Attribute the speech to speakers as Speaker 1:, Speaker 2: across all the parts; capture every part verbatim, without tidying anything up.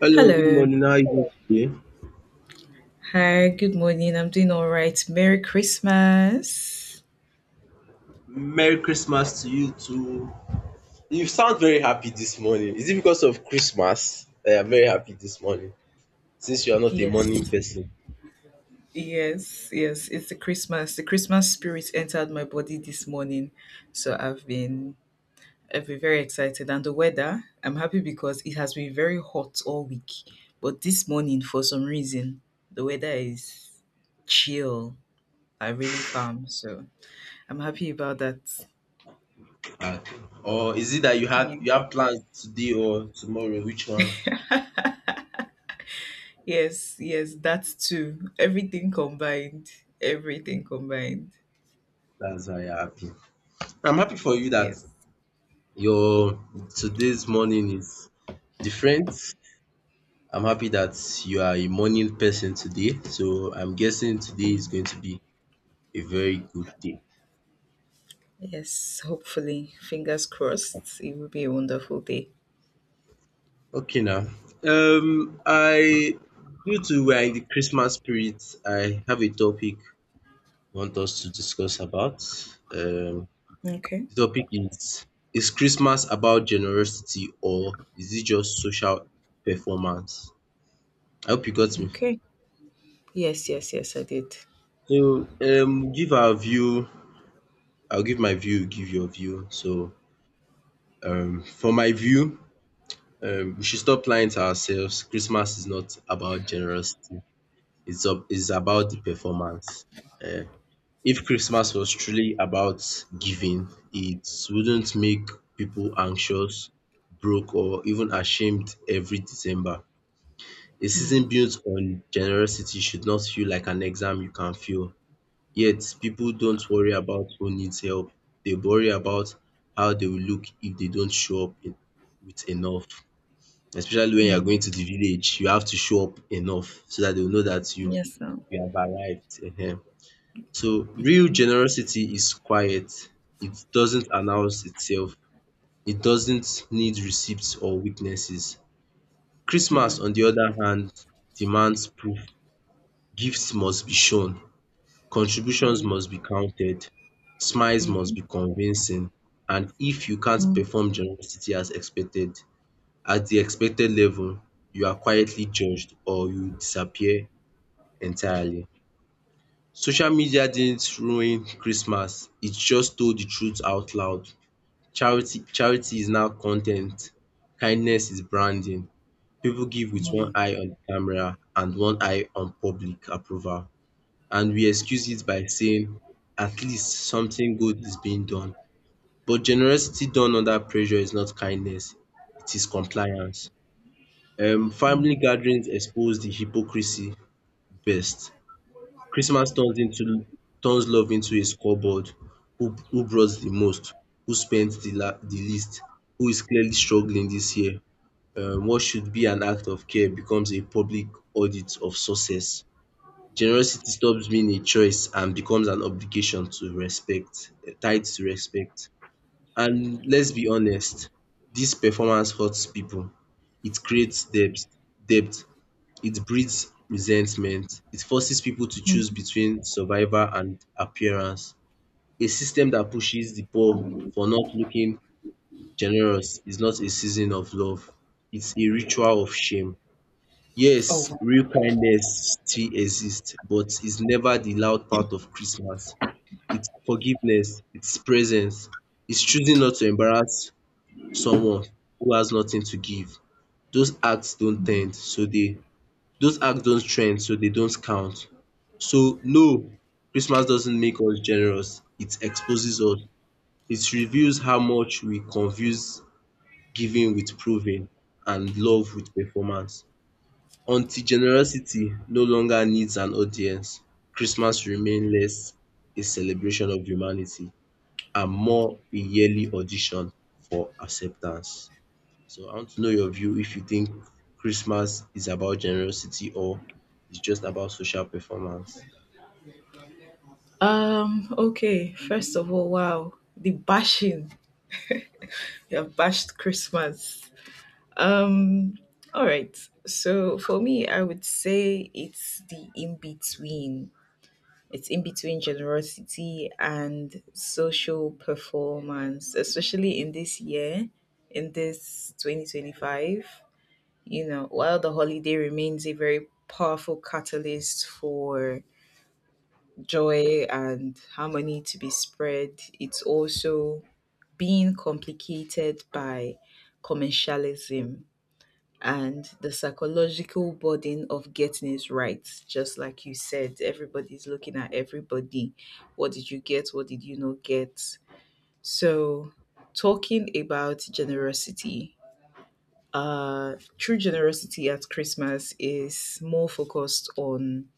Speaker 1: Hello, good
Speaker 2: Hello.
Speaker 1: morning. How are you doing today?
Speaker 2: Hi, good morning. I'm doing all right. Merry Christmas.
Speaker 1: Merry Christmas to you too. You sound very happy this morning. Is it because of Christmas that you're very happy this morning? Since you are not a morning
Speaker 2: Yes.
Speaker 1: person.
Speaker 2: Yes, yes. It's the Christmas. The Christmas spirit entered my body this morning. So I've been I've been very excited. And the weather, I'm happy because it has been very hot all week. But this morning, for some reason, the weather is chill. I really calm. So I'm happy about that.
Speaker 1: Uh, or is it that you have
Speaker 2: Yeah.
Speaker 1: you have plans today or tomorrow? Which one?
Speaker 2: Yes, yes, that too. Everything combined. Everything combined.
Speaker 1: That's why you're happy. I'm happy for you that
Speaker 2: Yes.
Speaker 1: your today's morning is different. I'm happy that you are a morning person today. So I'm guessing today is going to be a very good day.
Speaker 2: Yes, hopefully. Fingers crossed. It will be a wonderful day.
Speaker 1: Okay now. Um I Due to we are in the Christmas spirit, I have a topic I want us to discuss about. Um
Speaker 2: Okay.
Speaker 1: the topic is is Christmas about generosity or is it just social performance? I hope you got me.
Speaker 2: Okay. Yes, yes, yes, I did.
Speaker 1: So um give our view, I'll give my view, you give your view. So um for my view, um we should stop lying to ourselves. Christmas is not about generosity. It's up, it's about the performance. Um, If Christmas was truly about giving, it wouldn't make people anxious, broke, or even ashamed every December. A season built on generosity should not feel like an exam you can fail. Yet, people don't worry about who needs help. They worry about how they will look if they don't show up in- with enough. Especially when you are
Speaker 2: Hmm.
Speaker 1: going to the village, you have to show up enough so that they will know that you,
Speaker 2: Yes. Now.
Speaker 1: you have arrived. Ehen. So real generosity is quiet. It doesn't announce itself. It doesn't need receipts or witnesses. Christmas,
Speaker 2: Hmm.
Speaker 1: on the other hand, demands proof. Gifts must be shown. Contributions
Speaker 2: Hmm.
Speaker 1: must be counted. Smiles must
Speaker 2: Mm-hmm.
Speaker 1: be convincing. And if you can't
Speaker 2: Mm.
Speaker 1: perform generosity as expected, at the expected level, you are quietly judged or you disappear entirely. Social media didn't ruin Christmas, it just told the truth out loud. Charity charity is now content, kindness is branding. People give with one
Speaker 2: Mm.
Speaker 1: eye on the camera and one eye on public approval. And we excuse it by saying, at least something good is being done. But generosity done under pressure is not kindness, it is compliance. Um, family
Speaker 2: Mm.
Speaker 1: gatherings expose the hypocrisy best. Christmas turns into turns love into a scoreboard. Who who brought the most? Who spent the la the least? Who is clearly struggling this year? Um what should be an act of care becomes a public audit of success. Generosity stops being a choice and becomes an obligation to respect, eh, tied to respect. And let's be honest, this performance hurts people. It creates debts, debt it breeds resentment. It forces people to choose between survival and appearance. A system that pushes the poor for not looking generous is not a season of love. It's a ritual of shame.
Speaker 2: Oh,
Speaker 1: Yes,
Speaker 2: wow.
Speaker 1: real kindness still exists, but it's never the loud part of Christmas. It's forgiveness, it's presence, it's choosing not to embarrass someone who has nothing to give. Those acts don't tend, so they those acts don't trend, so they don't count. So no, Christmas doesn't make us generous, it exposes us. It reveals how much we confuse giving with proving and love with performance. Until generosity no longer needs an audience, Christmas remains less a celebration of humanity and more a yearly audition for acceptance. So I want to know your view if you think Christmas is about generosity or it's just about social performance.
Speaker 2: Um, okay. First of all, wow. The bashing. You have bashed Christmas. Um, all right. So for me, I would say it's the in between. It's in between generosity and social performance, especially in this year, in this twenty twenty-five. You know, while the holiday remains a very powerful catalyst for joy and harmony to be spread, it's also being complicated by commercialism and the psychological burden of getting it right. Just like you said, everybody's looking at everybody. What did you get? What did you not get? So, talking about generosity, uh, true generosity at Christmas is more focused on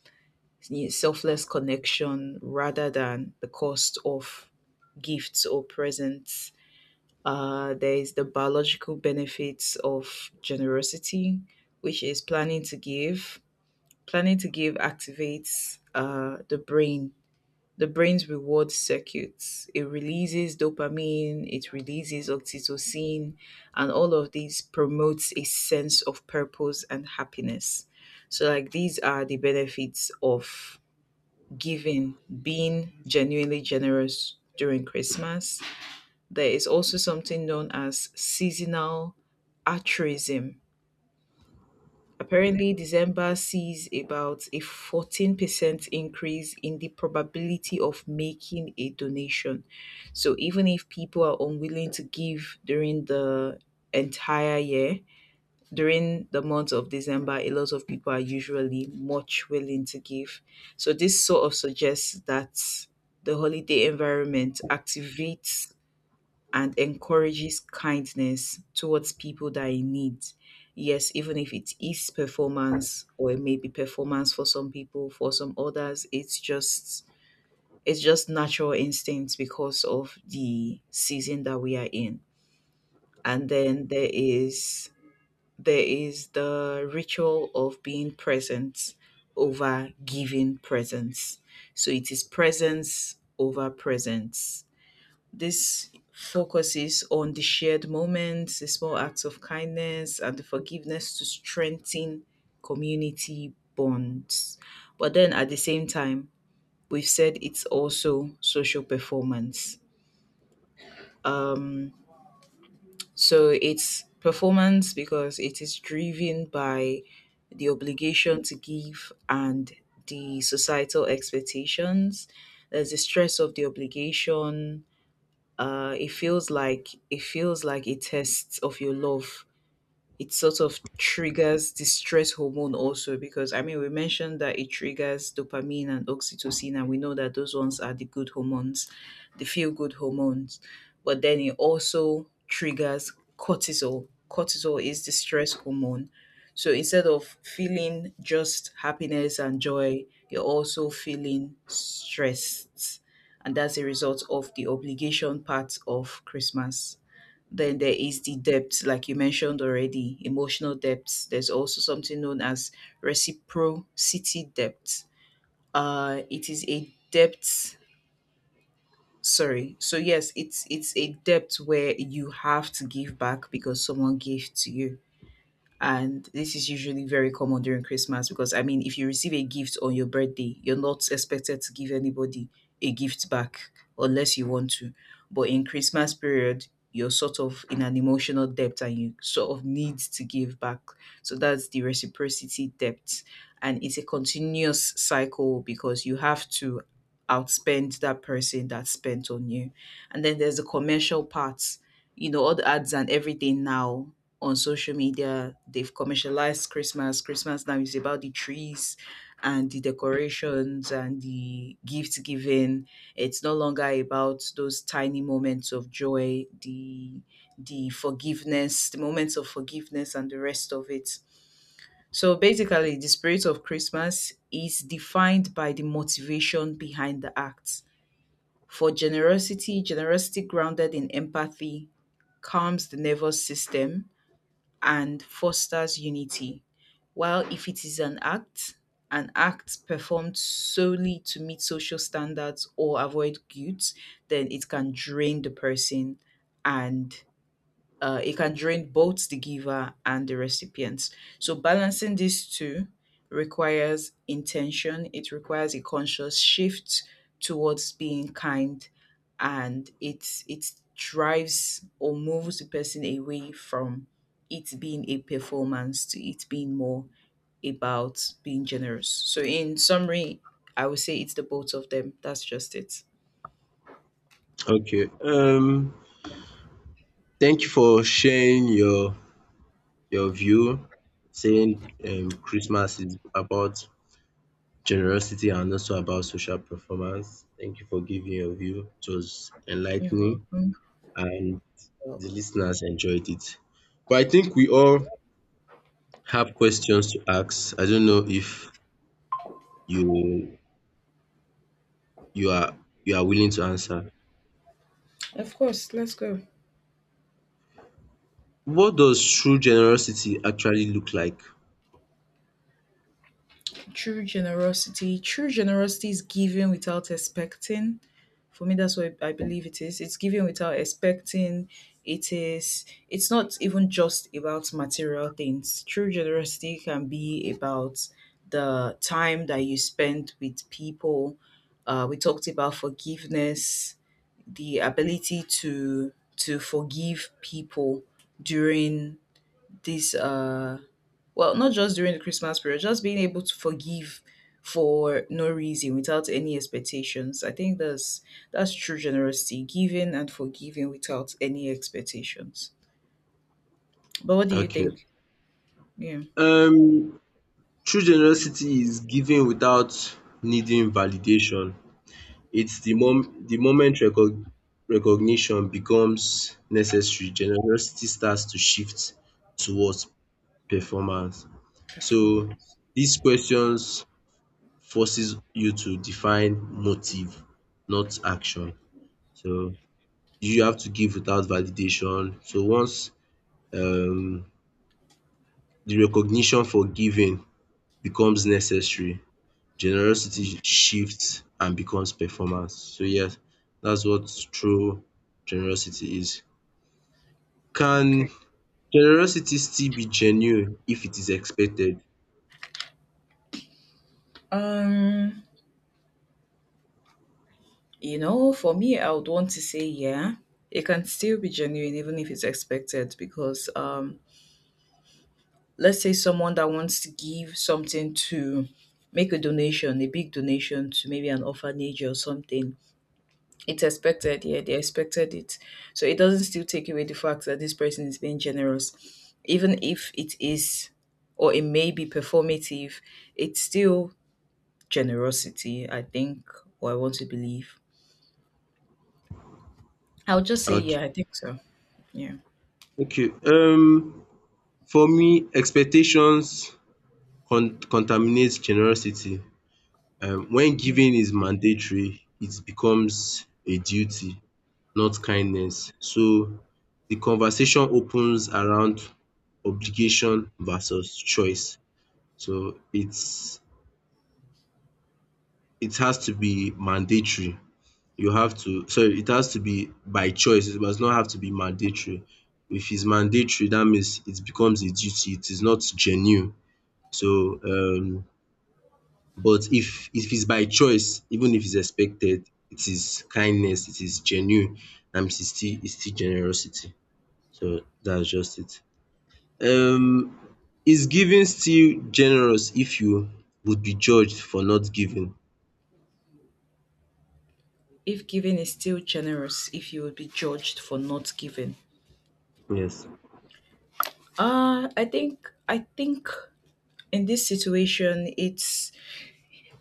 Speaker 2: selfless connection rather than the cost of gifts or presents. Uh, there is the biological benefits of generosity, which is planning to give. Planning to give activates uh, the brain, the brain's reward circuits. It releases dopamine, it releases oxytocin, and all of these promotes a sense of purpose and happiness. So, like, these are the benefits of giving, being genuinely generous during Christmas. There is also something known as seasonal altruism. Apparently, December sees about a fourteen percent increase in the probability of making a donation. So, even if people are unwilling to give during the entire year, during the month of December, a lot of people are usually much willing to give. So, this sort of suggests that the holiday environment activates and encourages kindness towards people that are in need. Yes, even if it is performance or it may be performance for some people, for some others, it's just it's just natural instincts because of the season that we are in. And then there is there is the ritual of being present over giving presence. So it is presence over presence. This focuses on the shared moments, the small acts of kindness, and the forgiveness to strengthen community bonds. But then at the same time, we've said it's also social performance. Um, so it's performance because it is driven by the obligation to give and the societal expectations. There's the stress of the obligation. Uh, it feels like it feels like a test of your love. It sort of triggers the stress hormone also because, I mean, we mentioned that it triggers dopamine and oxytocin, and we know that those ones are the good hormones, the feel good hormones. But then it also triggers cortisol. Cortisol is the stress hormone. So instead of feeling just happiness and joy, you're also feeling stressed. And that's a result of the obligation part of Christmas. Then there is the depth, like you mentioned already, emotional depth. There's also something known as reciprocity depth. Uh, it is a depth. Sorry. So yes, it's it's a depth where you have to give back because someone gave to you. And this is usually very common during Christmas because, I mean, if you receive a gift on your birthday, you're not expected to give anybody a gift back unless you want to. But in Christmas period, you're sort of in an emotional debt and you sort of need to give back. So that's the reciprocity debt. And it's a continuous cycle because you have to outspend that person that spent on you. And then there's the commercial parts, you know, all the ads and everything now on social media. They've commercialized Christmas. Christmas now is about the trees and the decorations and the gift giving. It's no longer about those tiny moments of joy, the the forgiveness, the moments of forgiveness and the rest of it. So basically, the spirit of Christmas is defined by the motivation behind the act. For generosity, generosity grounded in empathy calms the nervous system and fosters unity, while if it is an act, an act performed solely to meet social standards or avoid guilt, then it can drain the person, and uh, it can drain both the giver and the recipient. So balancing these two requires intention, it requires a conscious shift towards being kind, and it it drives or moves the person away from it being a performance to it being more about being generous. So in summary, I would say it's the both of them. That's just it.
Speaker 1: Okay. Um
Speaker 2: Yeah.
Speaker 1: Thank you for sharing your your view, saying um Christmas is about generosity and also about social performance. Thank you for giving your view. It was
Speaker 2: You're
Speaker 1: enlightening,
Speaker 2: welcome.
Speaker 1: and
Speaker 2: You're
Speaker 1: the
Speaker 2: welcome.
Speaker 1: listeners enjoyed it. But I think we all have questions to ask. I don't know if you you are you are willing to answer.
Speaker 2: Of course, let's go.
Speaker 1: What does true generosity actually look like?
Speaker 2: True generosity. True generosity is giving without expecting. For me, that's what I believe it is. It's giving without expecting. It is. It's not even just about material things. True generosity can be about the time that you spend with people. Uh, we talked about forgiveness, the ability to to forgive people during this uh well, not just during the Christmas period, just being able to forgive for no reason without any expectations. I think that's that's true generosity, giving and forgiving without any expectations. But what do you
Speaker 1: Okay.
Speaker 2: think? Yeah,
Speaker 1: Um True generosity is giving without needing validation. It's the mom the moment reco recognition becomes necessary, generosity starts to shift towards performance. So
Speaker 2: performance.
Speaker 1: these questions forces you to define motive, not action. So you have to give without validation. So once um the recognition for giving becomes necessary, generosity shifts and becomes performance. So yes, that's what true generosity is. Can
Speaker 2: Okay.
Speaker 1: generosity still be genuine if it is expected?
Speaker 2: Um, you know, for me, I would want to say yeah. It can still be genuine even if it's expected because um let's say someone that wants to give something to make a donation, a big donation to maybe an orphanage or something. It's expected. Yeah, they expected it, so it doesn't still take away the fact that this person is being generous, even if it is, or it may be performative. It's still generosity, I think. Or I want to believe. I'll just say
Speaker 1: Okay.
Speaker 2: yeah, I think so. Yeah.
Speaker 1: Okay. Um, for me, expectations con contaminates generosity. Um, when
Speaker 2: Mm.
Speaker 1: giving is mandatory, it becomes a duty, not kindness. So the conversation opens around obligation versus choice. So it's it has to be mandatory. You have to sorry, it has to be by choice. It does not have to be mandatory. If it's mandatory, that means it becomes a duty. It is not genuine. So um but if if it's by choice, even if it's expected, it is kindness, it is genuine, that means it's still it's still generosity. So that's just it. Um is giving still generous if you would be judged for not giving?
Speaker 2: If giving is still generous if you would be judged for not giving.
Speaker 1: Yes.
Speaker 2: Uh i think i think in this situation, it's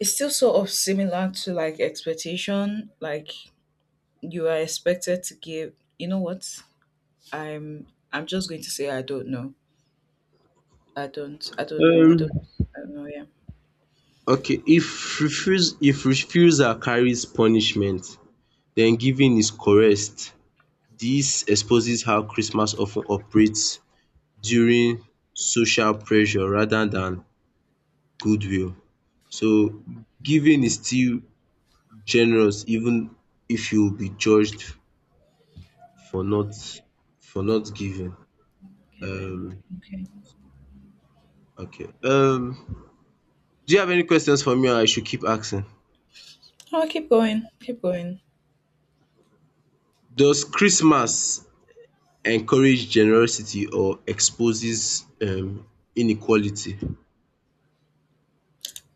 Speaker 2: it's still sort of similar to like expectation. Like, you are expected to give. You know what, i'm i'm just going to say I don't know. I don't, I don't know. I
Speaker 1: um
Speaker 2: don't, I don't know. Yeah.
Speaker 1: okay. If refuse if refusal carries punishment, then giving is coerced. This exposes how Christmas often operates during social pressure rather than goodwill. So giving is still generous even if you will be judged for not for not giving.
Speaker 2: Kevin.
Speaker 1: um
Speaker 2: Okay.
Speaker 1: okay. Um do you have any questions for me or I should keep asking?
Speaker 2: Oh, keep going, keep going.
Speaker 1: Does Christmas encourage generosity or exposes um inequality?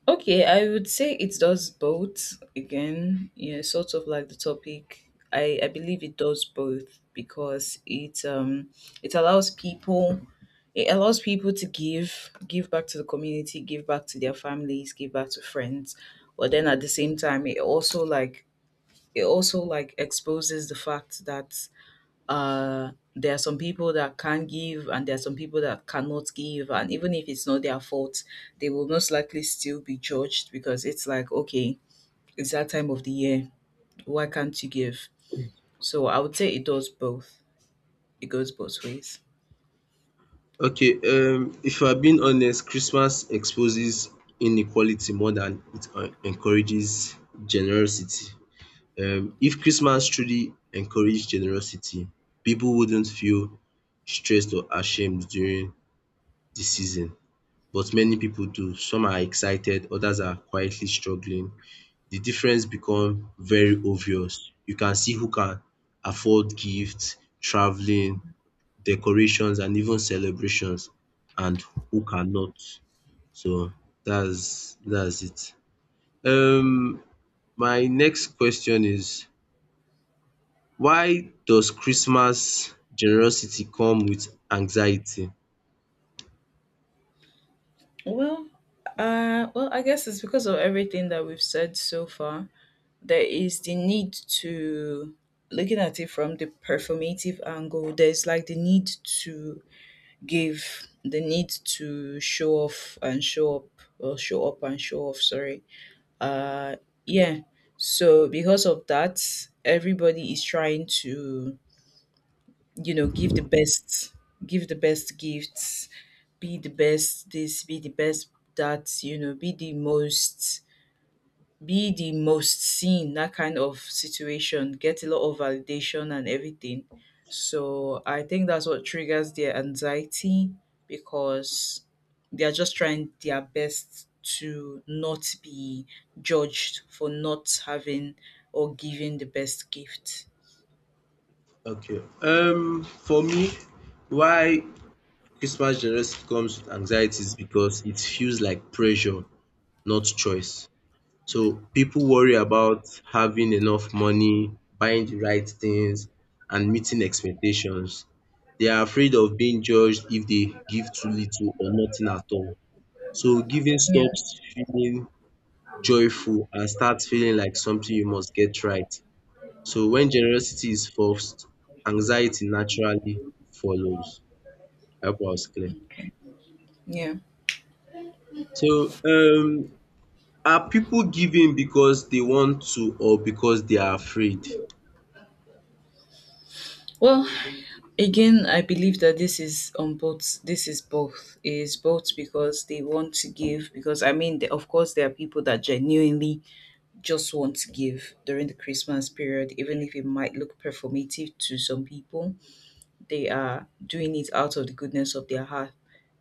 Speaker 2: Okay, I would say it does both again. Yeah, sort of like the topic. I i believe it does both because it um it allows people, it allows people to give give back to the community, give back to their families, give back to friends. But then at the same time, it also like it also like exposes the fact that, uh there are some people that can give and there are some people that cannot give. And even if it's not their fault, they will most likely still be judged because it's like, okay, it's that time of the year, why can't you give? So I would say it does both. It goes both ways.
Speaker 1: Okay. Um if I'm being honest, Christmas exposes inequality more than it en- encourages generosity. um If Christmas truly encouraged generosity, people wouldn't feel stressed or ashamed during the season, but many people do. Some are excited, others are quietly struggling. The difference become very obvious. You can see who can afford gifts, traveling, decorations and even celebrations, and who cannot. So that's that's it. Um my next question is, why does Christmas generosity come with anxiety?
Speaker 2: Well uh well, I guess it's because of everything that we've said so far. There is the need to. Looking at it from the performative angle, there's like the need to give, the need to show off and show up, or show up and show off, sorry. uh yeah. So because of that, everybody is trying to, you know give the best, give the best gifts, be the best this, be the best that, you know be the most, be the most seen, that kind of situation, get a lot of validation and everything. So I think that's what triggers their anxiety because they are just trying their best to not be judged for not having or giving the best gift.
Speaker 1: Okay. Um for me, why Christmas generosity comes with anxiety is because it feels like pressure, not choice. So people worry about having enough money, buying the right things and meeting expectations. They are afraid of being judged if they give too little or nothing at all. So giving
Speaker 2: Yeah.
Speaker 1: stops feeling joyful and starts feeling like something you must get right. So when generosity is forced, anxiety naturally follows. I hope I was clear.
Speaker 2: Yeah.
Speaker 1: So um are people giving because they want to or because they are afraid?
Speaker 2: Well, again, I believe that this is on both. This is both. It is both because they want to give. Because I mean, the- of course, there are people that genuinely just want to give during the Christmas period, even if it might look performative to some people. They are doing it out of the goodness of their heart,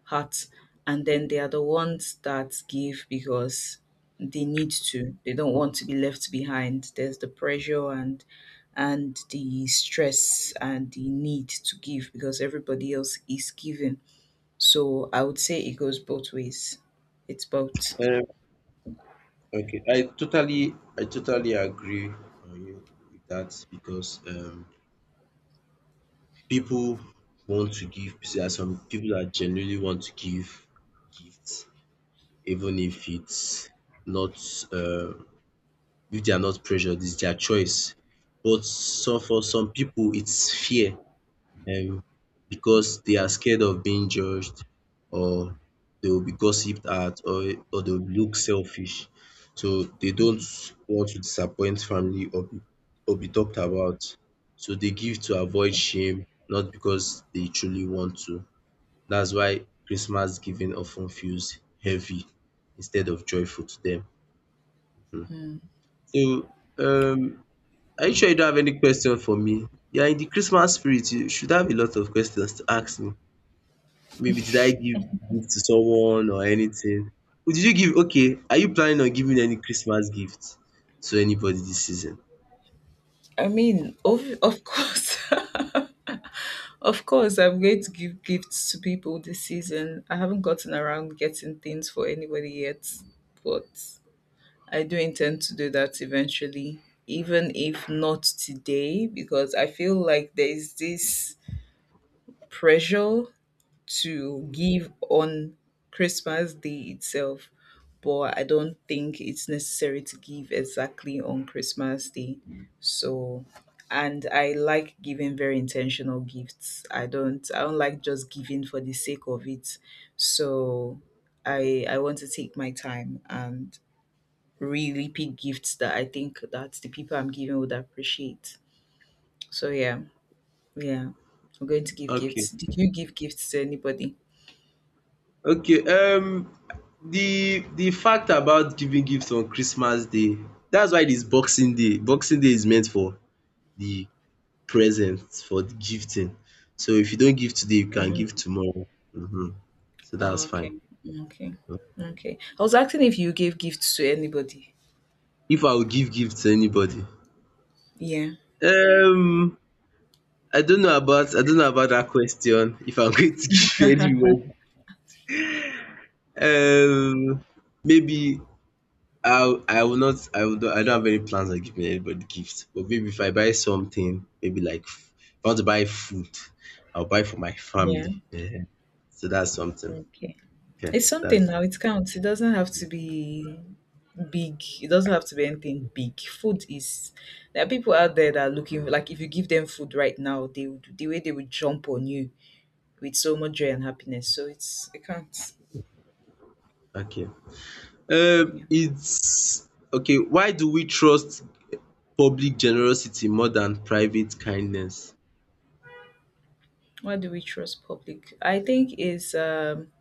Speaker 2: Hearts, and then they are the ones that give because they need to. They don't want to be left behind. There's the pressure and and the stress and the need to give because everybody else is giving. So I would say it goes both ways. It's both.
Speaker 1: Um Okay, I totally, I totally agree on you with that because um, people want to give. There are some people that genuinely want to give gifts, even if it's not, uh, if they are not pressured, it's their choice. But so for some people, it's fear. um because they are scared of being judged or they will be gossiped at or or they will look selfish. So they don't want to disappoint family or be or be talked about. So they give to avoid shame, not because they truly want to. That's why Christmas giving often feels heavy instead of joyful to them. So um are you sure you don't have any question for me? You are in the Christmas spirit, you should have a lot of questions to ask me. Maybe did I give gift to someone or anything? Oh, did you give? Okay. Are you planning on giving any Christmas gift to anybody this season?
Speaker 2: I mean, of, of course. Of course, I'm going to give gifts to people this season. I haven't gotten around getting things for anybody yet, but I do intend to do that eventually, even if not today, because I feel like there is this pressure to give on Christmas Day itself, but I don't think it's necessary to give exactly on Christmas Day. So, and I like giving very intentional gifts. I don't I don't like just giving for the sake of it. So, I I want to take my time and really pick gifts that I think that the people I'm giving would appreciate. So yeah, yeah. I'm going to give
Speaker 1: Okay.
Speaker 2: gifts. Did you give gifts to anybody?
Speaker 1: Okay. Um, the the fact about giving gifts on Christmas Day, that's why this Boxing Day. Boxing Day is meant for the presents, for the gifting. So if you don't give today, you can give
Speaker 2: Mm-hmm.
Speaker 1: tomorrow. Mhm. So
Speaker 2: Oh,
Speaker 1: that's fine.
Speaker 2: okay. Okay. Okay. I was asking if you gave gifts to anybody.
Speaker 1: If I would give gift to anybody,
Speaker 2: Yeah.
Speaker 1: um I don't know about I don't know about that question, if I'm going to give anyone. Um, maybe I I will not I will not, I don't have any plans on giving anybody gifts. But maybe if I buy something, maybe like f- if I want to buy food, I'll buy for my
Speaker 2: Yeah.
Speaker 1: family. Ehen. So that's something.
Speaker 2: Okay.
Speaker 1: Okay,
Speaker 2: It's something
Speaker 1: that's it.
Speaker 2: now. It counts. It doesn't have to be big. It doesn't have to be anything big. Food is There are people out there that are looking like if you give them food right now, they would the way they would jump on you with so much joy and happiness. So it's it counts.
Speaker 1: Okay. Um,
Speaker 2: Yeah.
Speaker 1: it's okay. Why do we trust public generosity more than private kindness?
Speaker 2: Why do we trust public? I think is um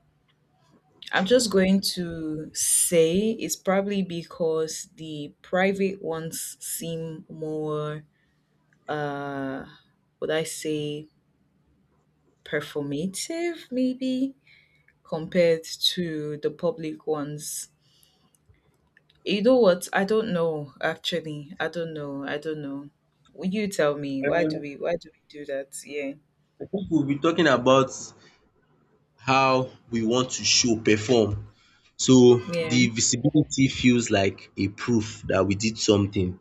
Speaker 2: I'm just going to say it's probably because the private ones seem more, uh, would I say, performative, maybe, compared to the public ones. You know what? I don't know, actually. I don't know. I don't know. Will you tell me? Why
Speaker 1: Um,
Speaker 2: do we? Why do we do that? Yeah,
Speaker 1: I think we'll be talking about how we want to show, perform. So
Speaker 2: yeah.
Speaker 1: the visibility feels like a proof that we did something.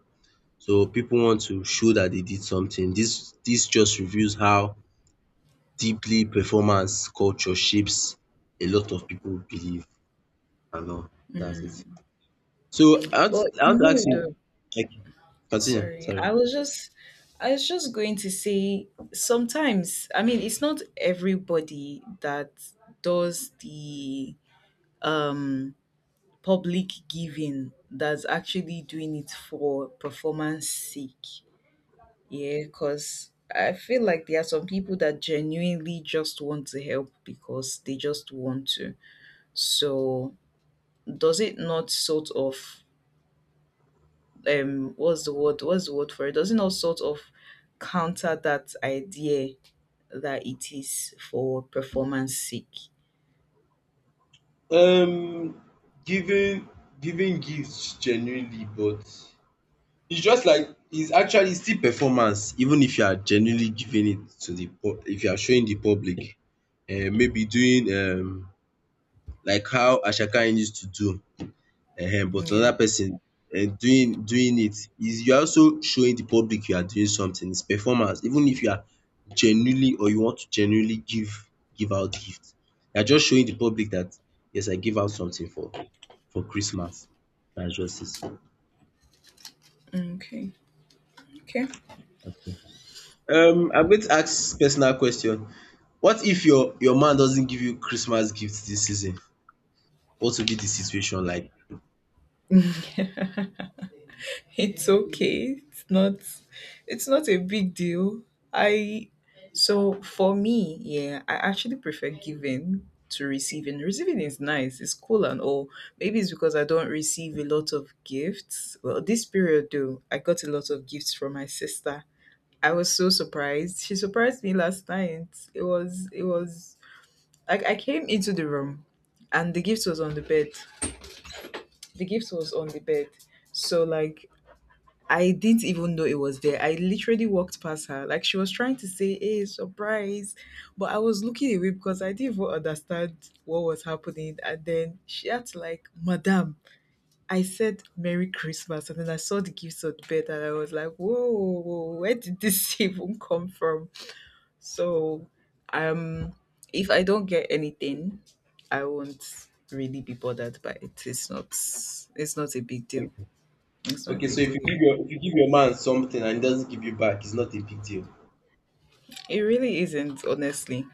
Speaker 1: So people want to show that they did something. This this just reveals how deeply performance culture shapes a lot of people believe and all. That's
Speaker 2: Mm.
Speaker 1: it. So I want
Speaker 2: But
Speaker 1: I
Speaker 2: you
Speaker 1: want to ask
Speaker 2: know,
Speaker 1: you,
Speaker 2: though,
Speaker 1: like, continue,
Speaker 2: Sorry,
Speaker 1: sorry.
Speaker 2: I was just I was just going to say sometimes, I mean, it's not everybody that does the um public giving that's actually doing it for performance sake. Yeah, because I feel like there are some people that genuinely just want to help because they just want to. So, does it not sort of um what's the word what's the word for it doesn't all sort of counter that idea that it is for performance sake?
Speaker 1: Um, giving giving gifts genuinely, but it's just like it's actually still performance, even if you are genuinely giving it to the pub, if you are showing the public, um, maybe doing um, like how Ashaka used to do, um, but
Speaker 2: Yeah,
Speaker 1: another person um, doing doing it, is you are also showing the public you are doing something. It's performance, even if you are genuinely or you want to genuinely give give out gift, you are just showing the public that yes, I give out something for for Christmas. That's just it.
Speaker 2: okay, okay.
Speaker 1: Um, I'm going to ask personal question. What if your your man doesn't give you Christmas gifts this season? What will be the situation like?
Speaker 2: it's okay. It's not it's not a big deal. I So for me, yeah, I actually prefer giving to receiving. Receiving is nice, it's cool and all. Maybe it's because I don't receive a lot of gifts. Well, this period though, I got a lot of gifts from my sister. I was so surprised. She surprised me last night. It was it was like I came into the room and the gift was on the bed. The gift was on the bed. So like I didn't even know it was there. I literally walked past her. Like she was trying to say, "Hey, surprise." But I was looking away because I didn't even understand what was happening. And then she had to, like, "Madam, I said Merry Christmas." And then I saw the gifts on the bed and I was like, "Whoa, whoa, whoa, where did this even come from?" So, um, if I don't get anything, I won't really be bothered by it. It's not. It's not a big deal. It's not a
Speaker 1: Okay, so
Speaker 2: big
Speaker 1: if
Speaker 2: deal.
Speaker 1: you give
Speaker 2: Yeah,
Speaker 1: your if you give your man something and he doesn't give you back, it's not a big deal.
Speaker 2: it really isn't, honestly,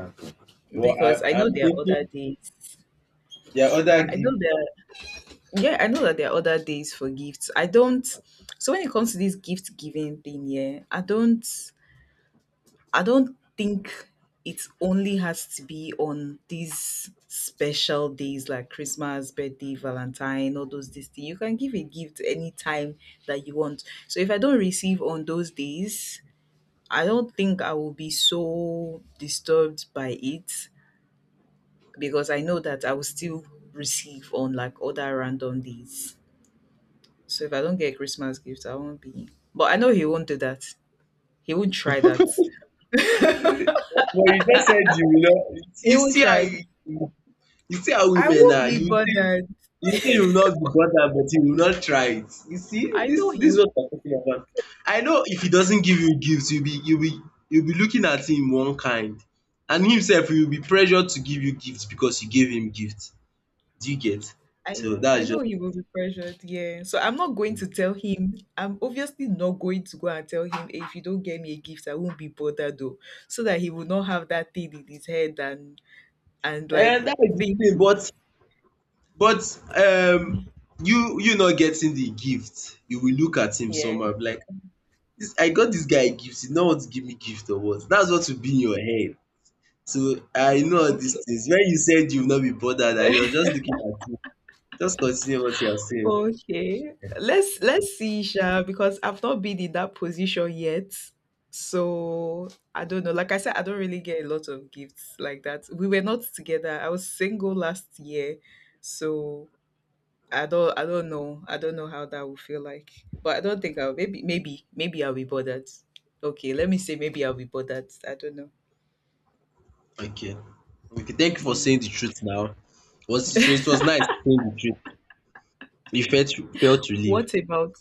Speaker 1: Okay. But
Speaker 2: because
Speaker 1: I
Speaker 2: I know
Speaker 1: I'm
Speaker 2: there are other
Speaker 1: thinking
Speaker 2: days.
Speaker 1: there are other
Speaker 2: I know
Speaker 1: gifts.
Speaker 2: there. Are, yeah, I know that there are other days for gifts. I don't. So when it comes to this gift giving thing, yeah, I don't. I don't think it only has to be on these special days like Christmas, birthday, Valentine, all those these things. You can give a gift anytime that you want. So if I don't receive on those days, I don't think I will be so disturbed by it because I know that I will still receive on like other random days. So if I don't get a Christmas gift, I won't be. But I know he won't do that. He won't try that.
Speaker 1: Well, you just said you will not.
Speaker 2: He
Speaker 1: You
Speaker 2: won't
Speaker 1: see how
Speaker 2: try.
Speaker 1: you You see how
Speaker 2: I
Speaker 1: women
Speaker 2: won't
Speaker 1: are,
Speaker 2: be
Speaker 1: you see,
Speaker 2: bothered.
Speaker 1: you will say you will not be bothered but you will not try it. You see
Speaker 2: I know
Speaker 1: this this
Speaker 2: he.
Speaker 1: is what we are talking about. I know if he doesn't give you gifts you will be you will be you will be looking at him one kind, and himself, sef he will be pressured to give you gifts because you gave him gifts. Do you get?
Speaker 2: I
Speaker 1: So
Speaker 2: know. I
Speaker 1: that's just
Speaker 2: know he will be pressured. Yeah. So I'm not going to tell him. I'm obviously not going to go and tell him, "Hey, if you don't get me a gift, I won't be bothered," though, so that he will not have that thing in his head and and
Speaker 1: and
Speaker 2: like
Speaker 1: that is the
Speaker 2: think
Speaker 1: thing
Speaker 2: it.
Speaker 1: but but um you you not getting the gift, you will look at him
Speaker 2: Yeah.
Speaker 1: somehow be like, this I got this guy gift he no want to give me gift or what? That's what will be in your head. So, I
Speaker 2: Mm,
Speaker 1: know all these
Speaker 2: okay.
Speaker 1: things. When you said you will not be bothered, I was just looking at you. Just continue what you are saying.
Speaker 2: Okay. Let's let's see, Sha, because I've not been in that position yet. So I don't know. Like I said, I don't really get a lot of gifts like that. We were not together. I was single last year. So I don't I don't know. I don't know how that will feel like. But I don't think I'll maybe maybe maybe I'll be bothered. Okay, let me say maybe I'll be bothered. I don't know.
Speaker 1: Okay. Okay, thank you for
Speaker 2: Yeah.
Speaker 1: saying the truth now. Was, so it was nice saying the truth. You felt felt to leave.
Speaker 2: What about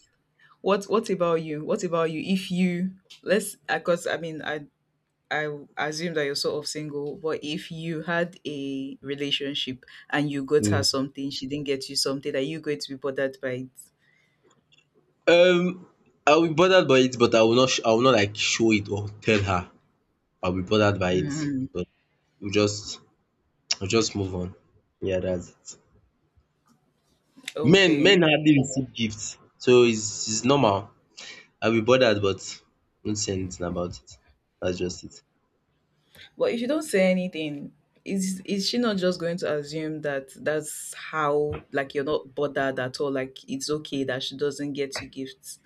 Speaker 2: what what about you? What about you if you, let's, because I mean I I assume that you're sort of single, but if you had a relationship and you got
Speaker 1: Mm.
Speaker 2: her something, she didn't get you something, are you going to be bothered by it?
Speaker 1: Um I'll be bothered by it, but I will not sh- I will not like show it or tell her. I'll be bothered by it.
Speaker 2: Mm,
Speaker 1: But we just we just move on. Yeah, that's it. Men men
Speaker 2: okay.
Speaker 1: hardly receive gifts. So it's it's normal. I'll be bothered, but won't say anything about it. That's just it.
Speaker 2: But if you don't say anything, is is she not just going to assume that that's how, like, you're not bothered at all? Like it's okay that she doesn't get you gifts.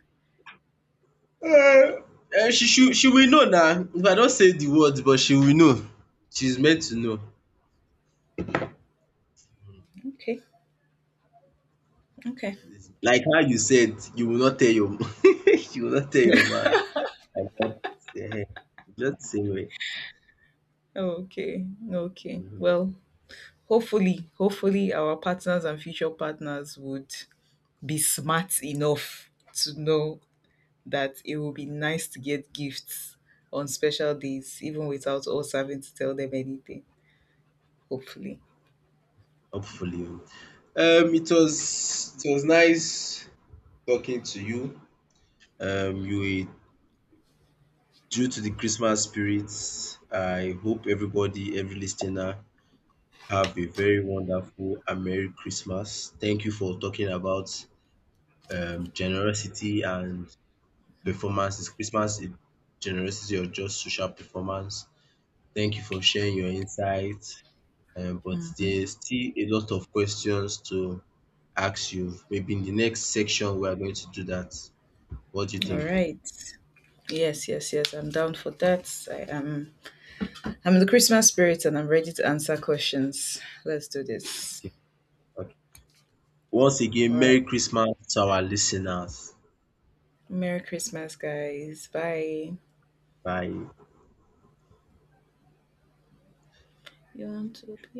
Speaker 1: Eh, she should she will know now. If I don't say the words but she will know. She's meant to know.
Speaker 2: Okay, okay,
Speaker 1: Like how you said you will not tell your mum you will not tell your mum. Ehen, just the same way.
Speaker 2: okay, okay. Well, hopefully, hopefully, our partners and future partners would be smart enough to know that it will be nice to get gifts on special days, even without us having to tell them anything. Hopefully.
Speaker 1: Hopefully. Um it was it was nice talking to you. Um you were Due to the Christmas spirit. I hope everybody, every listener, have a very wonderful and Merry Christmas. Thank you for talking about um, generosity and performance. Is Christmas a generosity or just social performance? Thank you for sharing your insights. Um, but there's still a lot of questions to ask you. Maybe in the next section, we are going to do that. What do you
Speaker 2: All
Speaker 1: think?
Speaker 2: right. Yes, yes, yes. I'm down for that. I am. I'm in the Christmas spirit, and I'm ready to answer questions. Let's do this.
Speaker 1: Okay. Once again,
Speaker 2: All
Speaker 1: Merry
Speaker 2: right.
Speaker 1: Christmas to our listeners.
Speaker 2: Merry Christmas, guys. Bye.
Speaker 1: Bye.
Speaker 2: You want to be?